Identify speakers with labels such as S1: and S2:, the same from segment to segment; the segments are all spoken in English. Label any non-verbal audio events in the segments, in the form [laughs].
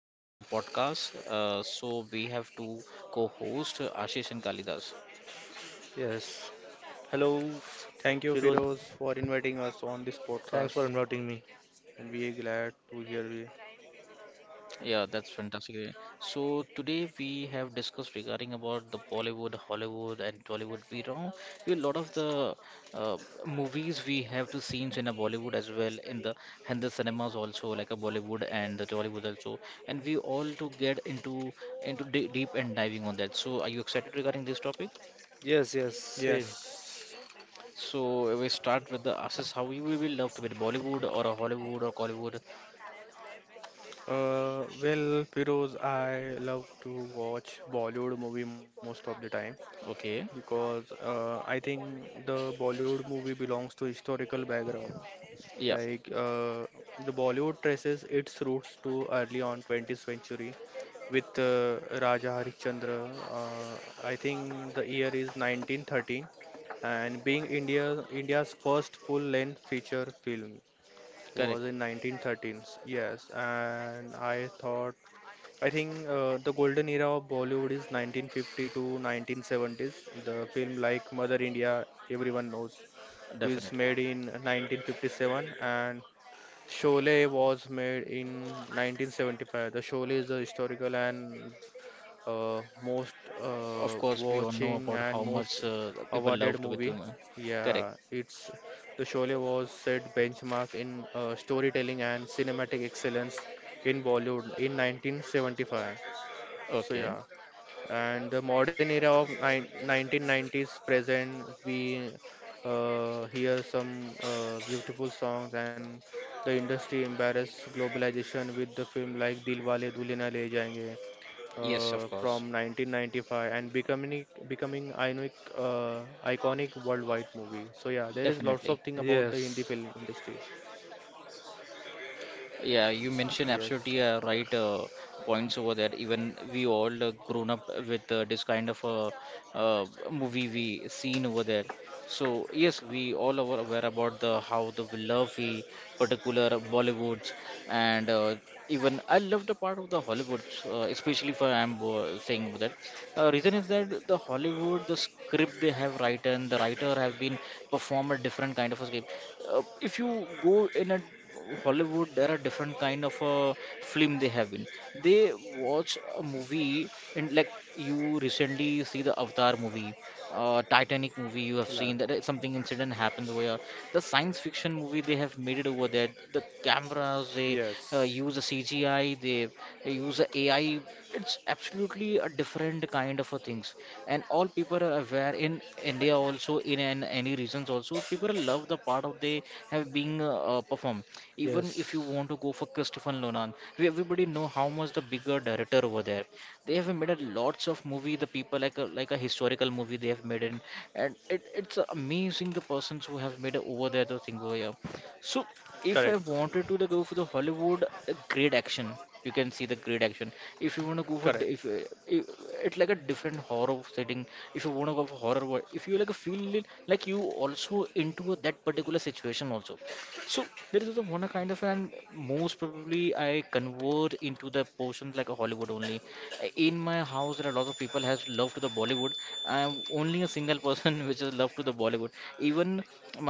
S1: my another podcast. So we have two co-hosts, Ashish and Kalidas.
S2: Yes. Hello,
S3: Thank you,
S2: Firoz.
S3: Firoz, for inviting us on this
S2: Thanks for
S3: podcast,
S2: inviting me.
S3: and we are glad to hear you.
S1: Yeah, that's fantastic. So today we have discussed regarding about the Bollywood, Hollywood, and Tollywood. We know we a lot of the uh, movies we have to scenes in a Bollywood as well in the and the cinemas also like a Bollywood and the Tollywood also. And we all to get into de deep and diving on that. So are you excited regarding this topic?
S2: Yes, yes, same.
S3: Yes.
S1: So we start with the Ashish, how you will be loved with Bollywood or a Hollywood or Collywood?
S3: Well, Firoz, I love to watch Bollywood movie most of the time
S1: Okay,
S3: because I think the Bollywood movie belongs to historical background.
S1: yeah,
S3: Like uh, the Bollywood traces its roots to early on 20th century with Raja Harishchandra. I think the year is 1913, and being India's first full-length feature film was
S1: correct,
S3: in 1913. Yes, and I thought I think the golden era of Bollywood is 1950 to 1970s. The film like Mother India, everyone knows, is
S1: definitely.
S3: made in 1957, and Sholay was made in 1975. The Sholay is the historical and most
S1: Of course, we all know
S3: watching
S1: about
S3: and
S1: how
S3: most
S1: much people
S3: awarded
S1: loved with
S3: movie.
S1: women. Correct.
S3: Yeah, it's the Sholay was set benchmark in storytelling and cinematic excellence in Bollywood in 1975. So
S1: Okay.
S3: yeah, and the modern era of 1990s present, we hear some beautiful songs, and the industry embraces globalization with the film like Dilwale Dulhania Le Jayenge
S1: Yes, of course,
S3: from 1995 and becoming iconic, iconic worldwide movie. So yeah, there is lots of
S1: definitely.
S3: thing about the Hindi
S2: Yes,
S3: film industry.
S1: Yeah, you mentioned
S3: Yes,
S1: absolutely right points over there. Even we all grown up with this kind of movie we seen over there. So yes, we all are aware about the how the we love we particular Bollywoods and even I love the part of the Hollywoods, especially for I'm saying that reason is that the Hollywood, the script they have written, the writer have been perform a different kind of a script. If you go in a Hollywood, there are different kind of a film they have been. They watch a movie and like you recently see the Avatar movie Titanic movie you
S3: La-
S1: have seen that something incident happened where the science fiction movie they have made it over there. The cameras they
S3: yes,
S1: use the CGI, they use the AI. It's absolutely a different kind of a things, and all people are aware in India also in an, any regions also people love the part of they have being performed. Even if you
S2: yes.
S1: want to go for Christopher Nolan, we everybody know how much the bigger director over there they have made a lots of movie the people like a historical movie they have made in, and it's amazing the persons who have made over there the thing over here. So if I
S3: correct,
S1: wanted to like, go for the Hollywood great action, you can see the great action. If you want to go for di-
S3: correct.
S1: if, I- it's like a different horror setting. If you want to go for horror wo- if you like feel it, like you also into a- that particular situation also. So there is the one kind of and most probably I convert into the portions like a Hollywood only. In my house there are a lot of people has love to the Bollywood. I am only a single person [laughs] which is love to the Bollywood. Even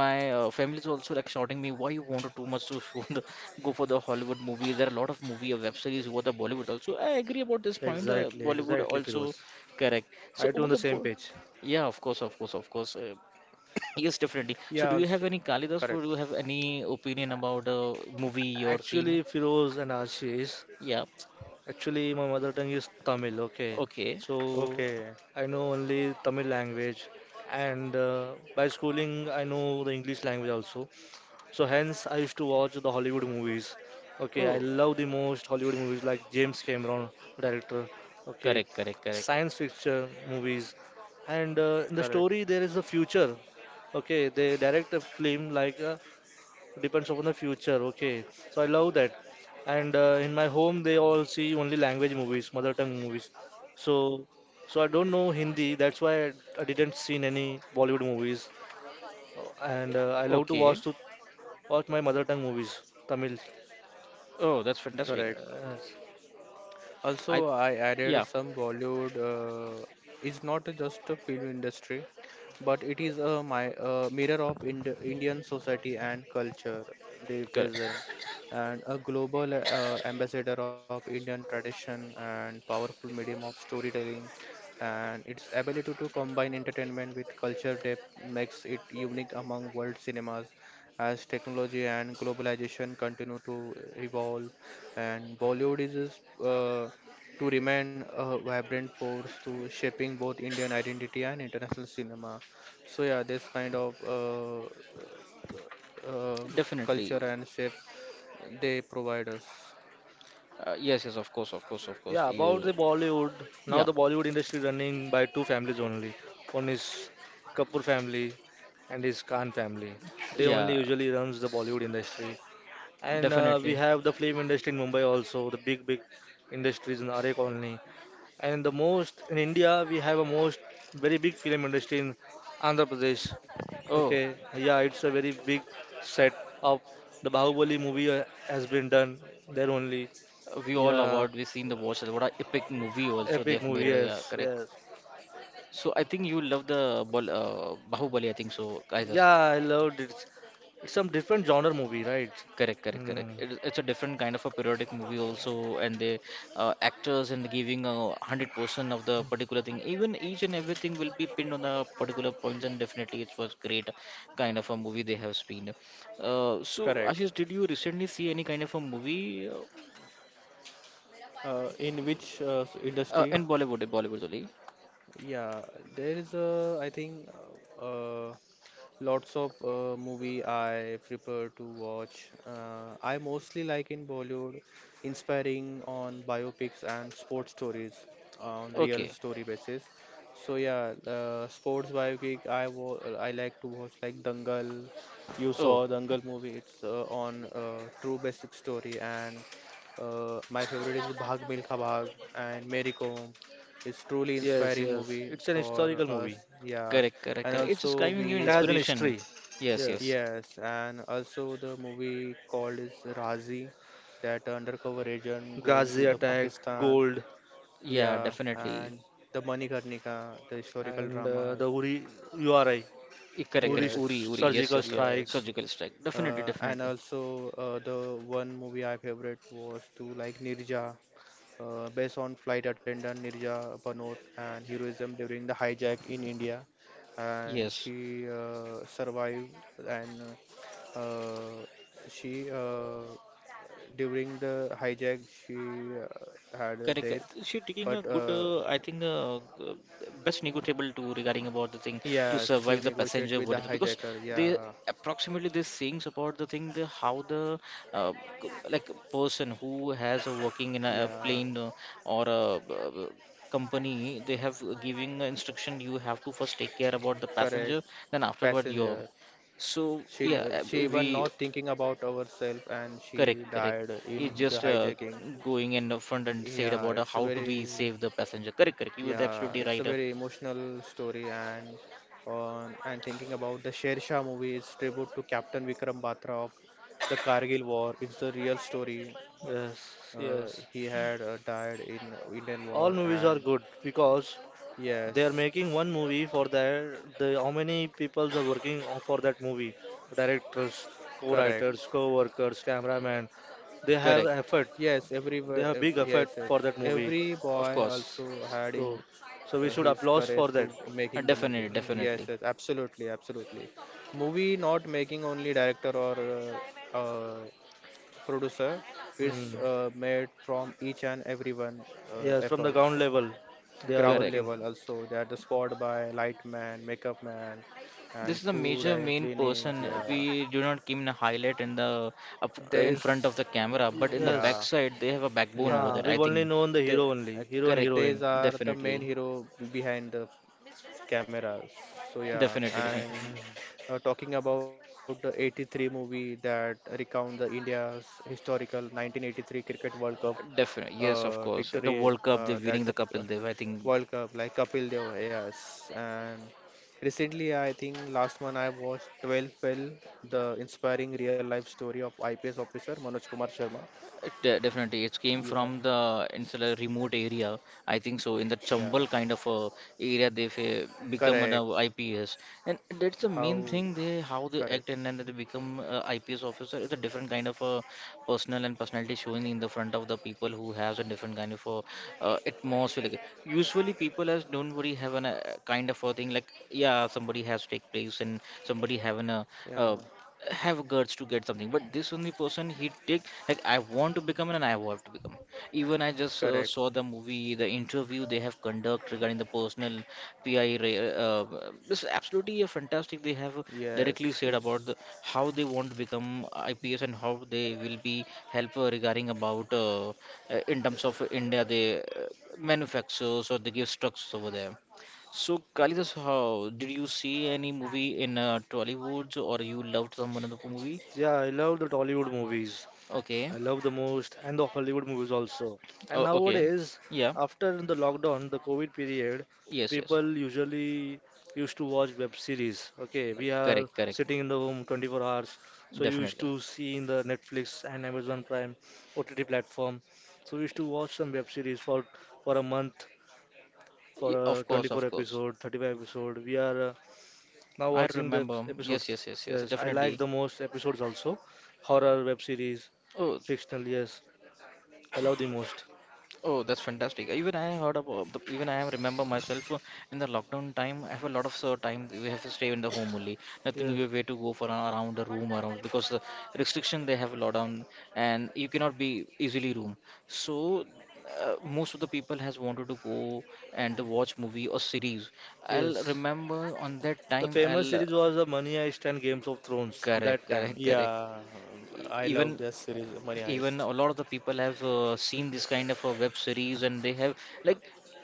S1: my family is also like shouting me why you wanted too much to [laughs] show the, go for the Hollywood movies? There are a lot of movie web series over the Bollywood also. I agree about this point.
S2: Exactly,
S1: Bollywood
S2: exactly,
S1: also
S2: Firoz.
S1: correct. So
S2: I too
S1: over
S2: on the
S1: the
S2: same
S1: bo-
S2: page.
S1: yeah of course of course of course yes definitely.
S3: Yeah,
S1: So do you
S3: also
S1: have any Kalidas or
S3: correct.
S1: do you have any opinion about a movie or scene?
S2: Actually, Firoz and Ashish,
S1: Yeah,
S2: actually, my mother tongue is Tamil, okay?
S1: okay.
S2: So
S3: Okay,
S2: I know only Tamil language, and by schooling, I know the English language also. So hence I used to watch the Hollywood movies. Okay, I
S1: Oh,
S2: love the most Hollywood movies like James Cameron, director. Okay,
S1: correct, correct, correct.
S2: science fiction movies, and in the
S3: correct,
S2: story there is a future. Okay, they direct a film like depends upon the future. Okay, so I love that. And in my home they all see only language movies, mother tongue movies. So so I don't know Hindi. That's why I didn't seen any Bollywood movies. And I love to watch
S1: Okay.
S2: to Watch my mother tongue movies, Tamil.
S1: Oh, that's fantastic.
S3: correct.
S2: Yes.
S1: I,
S3: Also, I added
S1: yeah,
S3: some Bollywood is not just a film industry, but it is a mirror of Indian society and culture they
S1: correct.
S3: represent, and a global ambassador of Indian tradition and powerful medium of storytelling. And its ability to combine entertainment with culture depth makes it unique among world cinemas. As technology and globalization continue to evolve, and Bollywood is to remain a vibrant force to shaping both Indian identity and international cinema. So yeah, this kind of uh,
S1: Definitely.
S3: culture and shape they provide us.
S1: Yes, yes, of course, of course, of course.
S2: Yeah, about
S1: You,
S2: the Bollywood. Now
S1: yeah,
S2: the Bollywood industry running by two families only. One is Kapoor family and his Khan family. They only
S1: yeah,
S2: usually runs the Bollywood industry. And we
S1: definitely.
S2: have the film industry in Mumbai also, the big industries in Are Colony. And the most in India, we have a most very big film industry in Andhra Pradesh.
S1: Oh,
S2: Okay, yeah, it's a very big set of the Bahubali movie has been done there only.
S1: we all
S2: Yeah,
S1: award we seen the watch. What a epic movie also they
S2: epic
S1: have
S2: movie.
S1: made. Yeah,
S2: Yes,
S1: correct.
S2: yes.
S1: So I think you love the Bal- Bahubali. I think so, guys.
S2: Yeah, I loved it. It's some different genre movie, right?
S1: Correct, correct, correct.
S2: Hmm.
S1: It's a different kind of a periodic movie also, and the actors and giving 100% of the particular thing. Even each and everything will be pinned on the particular points, and definitely it was great kind of a movie they have seen. So
S3: Correct.
S1: Ashish, did you recently see any kind of a movie
S3: In which industry?
S1: in Bollywood? In Bollywood only.
S3: Yeah, there is a I think uh, uh, lots of movie I prefer to watch. I mostly like in Bollywood, inspiring on biopics and sports stories on real
S1: Okay.
S3: story basis. So yeah, sports biopic I like to watch like Dangal. You
S1: Oh,
S3: saw Dangal movie. It's on true basic story, and my favorite is Bhag Milkha Bhag and Mary Kom. It's truly
S2: Yes,
S3: inspiring
S2: yes.
S3: movie
S2: It's an
S3: for
S2: historical
S3: us.
S2: movie.
S3: Yeah,
S1: correct, correct,
S3: and
S1: correct. It's
S3: also
S1: just giving you
S2: It
S3: we
S2: has an
S1: inspiration.
S2: history.
S1: Yes,
S2: Yes.
S1: yes.
S3: yes, and also the movie called is Razi, that undercover agent going to
S2: Ghazi
S3: the
S2: attack,
S3: Pakistan,
S2: gold,
S1: Yeah,
S3: yeah,
S1: definitely.
S3: and the Manikarnika, the historical
S2: and
S3: dramas.
S2: the Uri URI,
S1: Eh, correct,
S2: Uri
S1: correct.
S2: st-
S1: Uri,
S3: Yes,
S1: Uri. Yes,
S2: surgical
S1: yes, sir.
S2: strikes.
S3: yes,
S1: Surgical strike. Definitely,
S3: and
S1: definitely.
S3: also, the one movie I favorite was to like Nirja, based on flight attendant Nirja Panot and heroism during the hijack in India. And
S1: Yes,
S3: she survived and uh, she during the hijack she had a
S1: correct, correct.
S3: death,
S1: She taking a
S3: but
S1: good, I think, best negotiable to regarding about the thing to
S3: yeah, she
S1: survive the
S3: negotiated
S1: passenger
S3: with the
S1: what is because
S3: hijacker.
S1: they
S3: Yeah,
S1: approximately these things about the thing the how the uh, like person who has a working in a
S3: yeah,
S1: plane or a company they have giving instruction you have to first take care about the
S3: correct.
S1: passenger then afterward your
S3: Passenger.
S1: so yeah
S3: She even
S1: we
S3: not thinking about ourselves and
S1: correct,
S3: she
S1: correct.
S3: died in
S1: It's
S3: the
S1: just
S3: hijacking.
S1: going in the front and said
S3: Yeah,
S1: about
S3: it's
S1: how to be
S3: very
S1: save the passenger. Correct, correct. You are
S3: Yeah,
S1: absolutely
S3: it's a
S1: right.
S3: very emotional story, and on and thinking about the Sher Shah movie is tribute to Captain Vikram Batra of the Kargil War. It's a real story.
S2: Yes,
S3: Uh,
S2: yes.
S3: he had died in Indian
S2: All
S3: War,
S2: movies are
S3: and
S2: good because they are
S3: yes,
S2: making one movie for their the how many people are working on for that movie. Directors,
S3: correct.
S2: co-writers, co-workers, cameraman. They have
S1: Correct.
S2: effort.
S3: Yes, everywhere.
S2: They
S3: Ev
S2: have big
S3: Yes,
S2: effort
S3: yes.
S2: for that
S3: Every
S2: movie.
S3: boy
S1: Of course.
S3: also had in
S2: So, so we should
S3: his
S2: applause
S3: courage
S2: for
S3: to
S2: that.
S3: making the movie.
S1: Definitely,
S2: Mm.
S3: Yes,
S1: definitely.
S3: yes. Absolutely, absolutely. Movie not making only director or uh, uh, producer. It's
S2: Mm.
S3: made from each and everyone
S2: Yes, from the
S3: efforts.
S2: ground level, they are
S3: Ground
S1: Correct.
S2: working.
S3: level also. They are the spot by light man, makeup man,
S1: This
S3: and
S1: is the
S3: food
S1: major
S3: and
S1: main
S3: cleaning.
S1: person
S3: Yeah.
S1: we do not keep in a highlight in the up in front of
S3: There's
S1: the camera, but in the
S3: yeah,
S2: Yes.
S1: backside they have a backbone over
S3: yeah.
S2: Ha,
S1: there.
S2: we've
S1: I
S2: only
S1: think.
S2: known the
S3: they
S2: hero only, hero and
S3: ac-
S1: Correct.
S2: heroine.
S3: these are the main
S1: Definitely.
S3: hero behind the cameras. So yeah,
S1: Definitely, definitely.
S3: and
S2: Mm.
S3: talking about the 83 movie that recount the India's historical 1983 cricket world cup,
S1: Definitely. Yes, of course.
S3: victory,
S1: The World Cup, they're
S3: that
S1: winning
S3: the
S1: the Kapil Dev. I think
S3: world cup like Kapil Dev. Yes, and recently I think last month I watched 12 fell, the inspiring real life story of IPS officer Manoj Kumar Sharma.
S1: de- definitely, it came
S3: Yeah.
S1: from the instead insular remote area. I think so. In the
S3: Yeah,
S1: Chambal kind of area, they've become an
S3: correct.
S1: IPS, and that's the main
S3: How
S1: thing. They how they
S3: correct.
S1: act and then they become IPS officer is a different kind of personal and personality showing in the front of the people who has a different kind of atmosphere. Like, usually, people as don't worry have an kind of a thing like yeah, somebody has take place and somebody having a uh,
S3: Yeah.
S1: have guts to get something but this only person he take like I want to become and I want to become. Even I just saw
S3: Correct.
S1: the movie the interview they have conduct regarding the personal pi ra- this is absolutely a fantastic they have directly
S3: Yes.
S1: said about the,
S3: It's
S1: how they want to become IPS and how they will be help regarding about in terms of India they manufacture so they give structures over there. So, Kalidas, how did you see any movie in Tollywood or you loved some one of the movie?
S2: Yeah, I love the Tollywood movies.
S1: Okay.
S2: I love the most, and the Hollywood movies also. And
S1: Oh, okay.
S2: nowadays,
S1: Yeah.
S2: after the lockdown, the COVID period, the
S1: Yes, yes.
S2: people usually used to watch web series. Okay, we are
S1: Correct, correct.
S2: sitting in the home 24 hours, so you used
S1: Definitely.
S2: to see in the Netflix and Amazon Prime OTT platform. So we used to watch some web series for a month, for
S1: Y-
S2: a
S1: of course,
S2: 24
S1: of course.
S2: episode, 35 episode. We are now
S1: I
S2: watching the
S1: remember. Yes,
S2: episodes.
S1: yes, yes, yes.
S2: Yes, I like
S1: Definitely.
S2: the most episodes also, horror web series
S1: Oh,
S2: fictional, yes, I love the most.
S1: oh, that's fantastic. Even I heard about the, even I remember myself in the lockdown time. I have a lot of time. We have to stay in the home only. Nothing
S2: Yes,
S1: you have way to go for a- around the room around because the restriction they have a lot on and you cannot be easily room. So most of the people has wanted to go and watch movie or series. I'll
S2: yes.
S1: remember on that
S2: The
S1: time.
S2: famous
S1: I'll
S2: series was the Money Heist and Games of Thrones
S1: correct,
S2: that time.
S1: correct, correct.
S3: yeah,
S1: E-
S3: I
S1: even
S3: love that series, Money
S1: even
S3: Heist.
S1: a lot of the people have seen this kind of a web series and they have like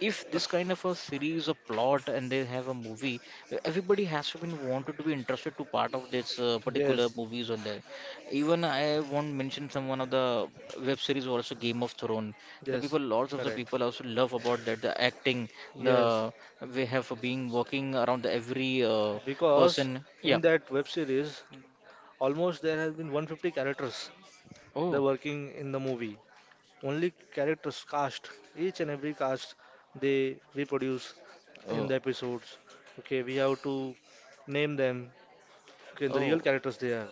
S1: if this kind of a series a plot and they have a movie everybody has been wanted to be interested to part of this particular
S2: Yes,
S1: movies on there. Even I won't mention some one of the web series also Game of Thrones, the
S2: yes,
S1: people lots of the
S3: Correct.
S1: people also love about that the acting the
S2: yes.
S1: we have been working around every
S2: Because
S1: person. Yeah,
S2: in that web series, almost there has been 150 characters. They're
S1: oh,
S2: working in the movie. Only characters cast, each and every cast, they reproduce in
S1: oh,
S2: the episodes. Okay, we have to name them. Okay, the real
S1: oh.
S2: characters they are.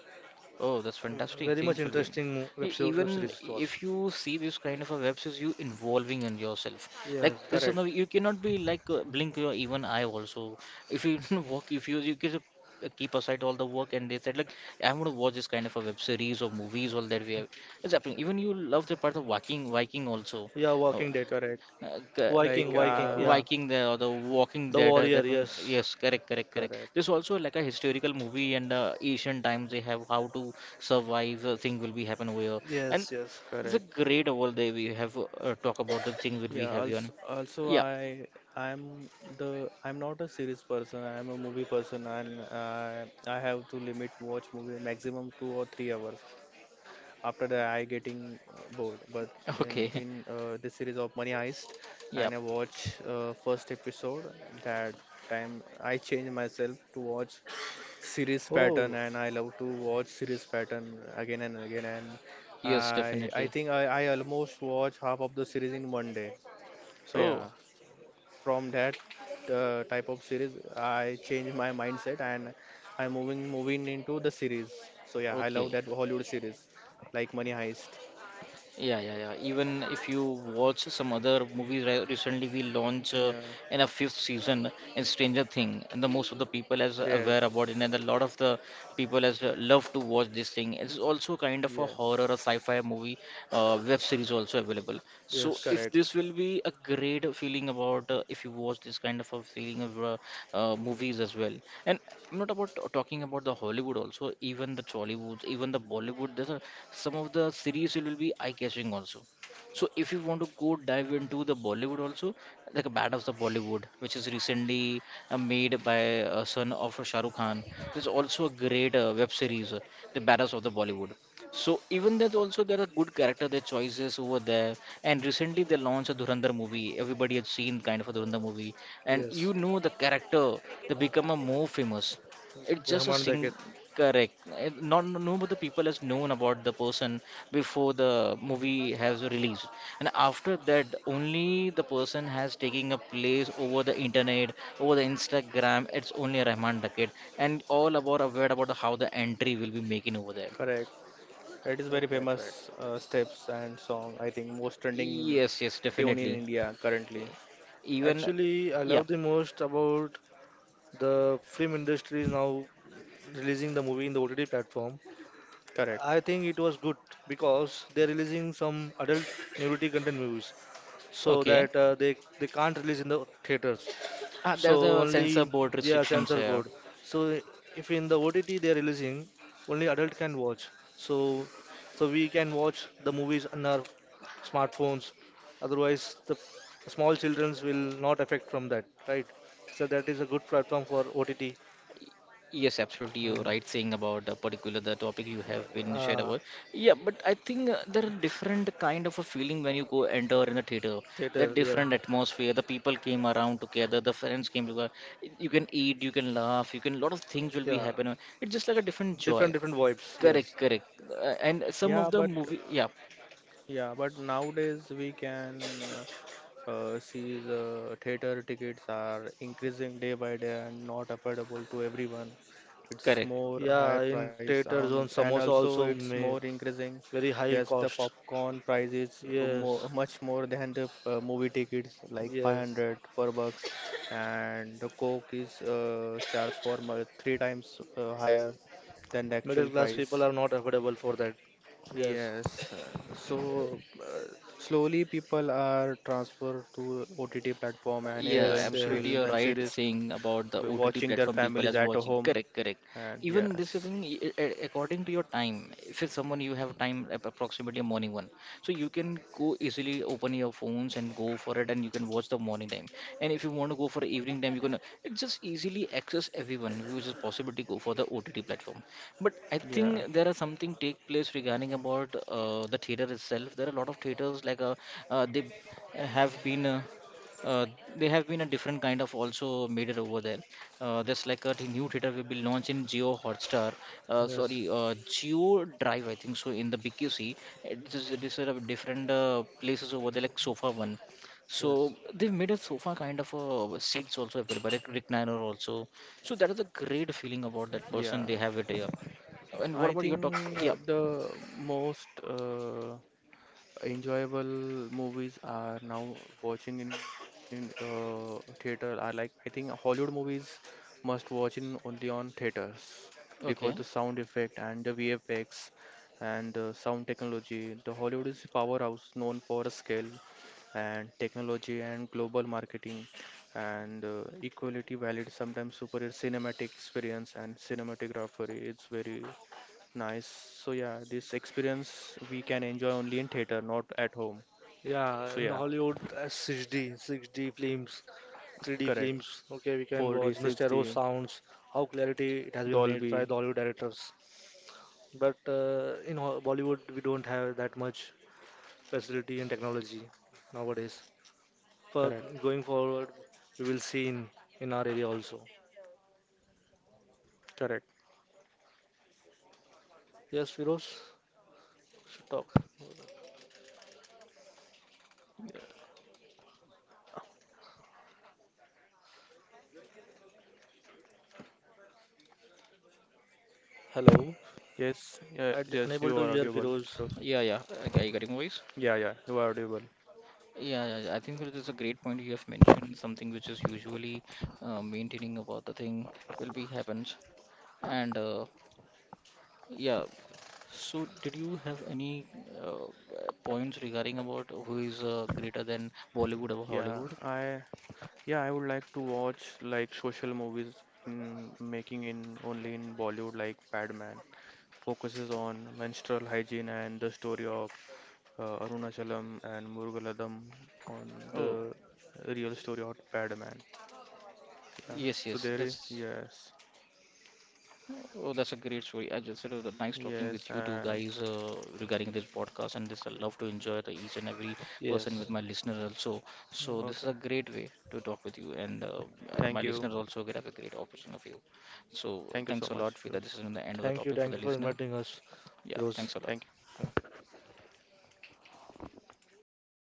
S1: Oh, that's fantastic.
S2: Very much
S1: Thanks, Shilpi.
S2: interesting
S1: E-
S2: web
S1: even
S2: series it was.
S1: if you see this kind of a web series, you involving in yourself. Like this,
S2: Yes,
S1: is no-
S3: Correct.
S1: you cannot be like blink your even eye also. If you [laughs] work, if you can keep aside all the work and they said like I'm gonna watch this kind of a web series or movies all that we have. It's happening. Even you love the part of Viking, Viking also.
S2: yeah,
S1: Oh,
S2: Walking Dead.
S3: Correct.
S1: uh, c-
S3: Like
S2: Viking, Viking,
S3: uh
S2: yeah.
S1: Viking there or the Walking
S2: The
S1: Dead.
S2: warrior,
S1: That one,
S2: yes.
S1: yes, correct, correct, correct.
S3: correct.
S1: There's also like a historical movie and ancient times they have how to survive. Thing will be happen over here, and
S2: Yes, yes.
S1: it's a
S3: Correct.
S1: great world that we have talk about the thing that we
S3: Yeah,
S1: have here.
S3: also, also
S1: Yeah. [laughs]
S3: I I'm the I'm not a series person. I'm a movie person, and I have to limit watch movie maximum 2 or 3 hours. After that, I getting bored. But in
S1: Okay.
S3: in uh, the series of Money Heist, and I
S1: Yeah.
S3: watch first episode. That time I change myself to watch series pattern,
S2: Oh,
S3: and I love to watch series pattern again and again. And
S1: Yes,
S3: I I
S1: definitely.
S3: think I I almost watch half of the series in one day. So
S1: Oh.
S3: yeah, from that type of series, I changed my mindset, and I'm moving into the series. So yeah, I love
S1: Okay.
S3: that Hollywood series like Money Heist.
S1: Yeah, yeah, yeah. Even if you watch some other movies re- recently, we launch
S3: Yeah.
S1: in a fifth season in Stranger Thing, and the most of the people is aware about it, and a
S3: Yes.
S1: lot of the people has love to watch this thing. It's also kind of a horror or
S3: Yes.
S1: sci-fi movie web series also available so
S2: yes,
S1: if
S3: Correct,
S1: this will be a great feeling about if you watch this kind of a feeling of movies as well, and I'm not about talking about the Hollywood, also even the Tollywood, even the Bollywood. There's a, some of the series will be eye-catching also, so if you want to go dive into the Bollywood also, like a bad of the Bollywood, which is recently made by a son of Shahrukh Khan. There's also a great web series, the badass of the Bollywood, so even that also there are good character their choices over there. And recently they launched a Dhurandhar movie. Everybody had seen kind of a Dhurandhar movie, and
S2: yes.
S1: you know the character they become a more famous. It's just a
S2: Rahman
S1: sing
S2: Dakit.
S1: correct. It- not no, but the people has known about the person before the movie has released, and after that only the person has taking a place over the internet, over the Instagram. It's only Rahman Dakit, and all about aware about the, how the entry will be making over there.
S3: correct. It is very
S2: Right, right, right.
S3: famous steps and song. I think most trending
S1: Yes, yes,
S3: tune in
S1: definitely.
S3: India currently.
S1: Even,
S2: Actually, I
S1: yeah,
S2: love the most about the film industry is now releasing the movie in the OTT platform. I
S3: Correct.
S2: think it was good because they're releasing some adult nudity content movies so
S1: okay.
S2: that they can't release in the theaters.
S1: Ah,
S2: So
S1: there's a
S2: only,
S1: censor board
S2: yeah,
S1: restrictions
S2: censor
S1: here.
S2: board. So if in the OTT they are releasing, only adult can watch. So so we can watch the movies on our smartphones. Otherwise, the small childrens will not affect from that, right? So that is a good platform for OTT.
S1: Yes, absolutely. You're
S2: Uh,
S1: right saying about a particular the topic you have been shared
S2: uh,
S1: about. Yeah, but I think there are different kind of a feeling when you go enter in the theater. That
S2: theater, yeah,
S1: different atmosphere. The people came around together. The friends came together. You can eat. You can laugh. You can. Lot of things will be
S2: yeah.
S1: happening. It's just like a different joy.
S2: Different vibes, yes.
S1: Correct, correct. And some
S3: Yeah,
S1: of the
S3: but
S1: movie. Yeah,
S3: yeah, but nowadays we can sees theater tickets are increasing day by day and not affordable to everyone. It's
S1: correct.
S3: more higher
S2: Yeah, in
S3: price
S2: theater
S3: on,
S2: zone,
S3: and
S2: samosa
S3: also
S2: also
S3: it's more
S2: may
S3: increasing.
S2: very high
S3: Yes, the
S2: cost.
S3: popcorn price is
S2: Yes,
S3: more, much more than the movie tickets, like
S2: yes.
S3: 500 per bucks, and the Coke is charged for three times higher than the
S2: Middle
S3: actual
S2: class people
S3: price.
S2: are not affordable for that. Yes,
S3: Yes, slowly people are transferred to OTT platform and
S1: Yeah,
S2: yes,
S3: enjoying
S1: absolutely.
S2: yes,
S1: You're
S3: films and
S1: right
S3: series,
S1: saying about the OTT
S3: watching their
S1: platform people
S3: families
S1: as
S3: at
S1: watching.
S3: home.
S1: Correct, correct.
S3: And
S1: Even this is
S3: yes,
S1: according to your time. If it's someone you have time approximately morning one, so you can go easily open your phones and go for it, and you can watch the morning time. And if you want to go for evening time, you can it just easily access everyone, which is possible to go for the OTT platform. But I think
S3: yeah,
S1: there are something take place regarding about the theater itself. There are a lot of theaters like they have been. Uh, they have been a different kind of also made it over there. Just like a new theater will be launched in Geo Hotstar,
S2: yes,
S1: sorry, Geo Drive, I think so, in the BQC. It is a different places over there, like Sofa One.
S2: yes.
S1: So they've made a sofa kind of seats also available, like recliner also. So that is a great feeling about that
S3: yeah.
S1: person they have it here. And what
S3: I
S1: about your talk?
S3: think
S1: Yeah,
S3: the most enjoyable movies are now watching in theater are like I think Hollywood movies must watch in only on theaters because the
S1: okay,
S3: sound effect and the VFX and the sound technology. The Hollywood is powerhouse known for scale and technology and global marketing and equality valid sometimes superior cinematic experience and cinematography. It's very nice. So yeah, this experience we can enjoy only in theater, not at home.
S2: Yeah,
S3: So
S2: in the
S3: yeah,
S2: Hollywood 6D, 6D films, 3D
S3: correct.
S2: films. Okay, we can
S3: 4D,
S2: watch the stereo
S3: 6D,
S2: sounds, how clarity it has been made by
S3: Dolby.
S2: the Hollywood directors. But in Bollywood, we don't have that much facility and technology nowadays. But
S3: Correct.
S2: going forward, we will see in our area also.
S3: Correct.
S2: Yes, Firoz, should talk.
S3: Yeah.
S2: Hello,
S3: Yes. Yeah,
S2: I d
S3: yes, you
S2: unable
S3: are
S2: to hear
S3: audible.
S2: Firoz.
S3: Firoz.
S1: yeah, yeah. I got your voice.
S3: Yeah, yeah, you are audible.
S1: Yeah, yeah, yeah, I think that is a great point you have mentioned. Something which is usually maintaining about the thing will be happens. And yeah, so did you have any points regarding about who is greater than Bollywood or
S3: Yeah,
S1: Hollywood?
S3: I yeah, I would like to watch like social movies in making in only in Bollywood like Padman. Focuses on menstrual hygiene and the story of Arunachalam and Murugaladam on the
S1: Oh,
S3: Real Story Hotpad, man. Yeah.
S1: yes,
S3: So
S1: yes,
S3: there is
S1: that's
S3: yes,
S1: oh, that's a great story. I just said it was nice talking
S3: yes,
S1: with you two
S3: and
S1: guys regarding this podcast, and this I love to enjoy the each and every person with
S2: Yes,
S1: my listeners also. So this is
S3: okay.
S1: a great way to talk with you, and
S3: Thank
S1: my
S3: you,
S1: listeners also get have a great opportunity of you.
S3: thank you
S1: So
S3: so much,
S1: thanks a lot
S3: Firoz.
S1: for that. This is the end of the topic for
S2: thank
S1: the
S2: you for
S1: listener.
S2: inviting us,
S1: Yeah,
S2: Firoz.
S1: thanks a lot.
S3: Thank you.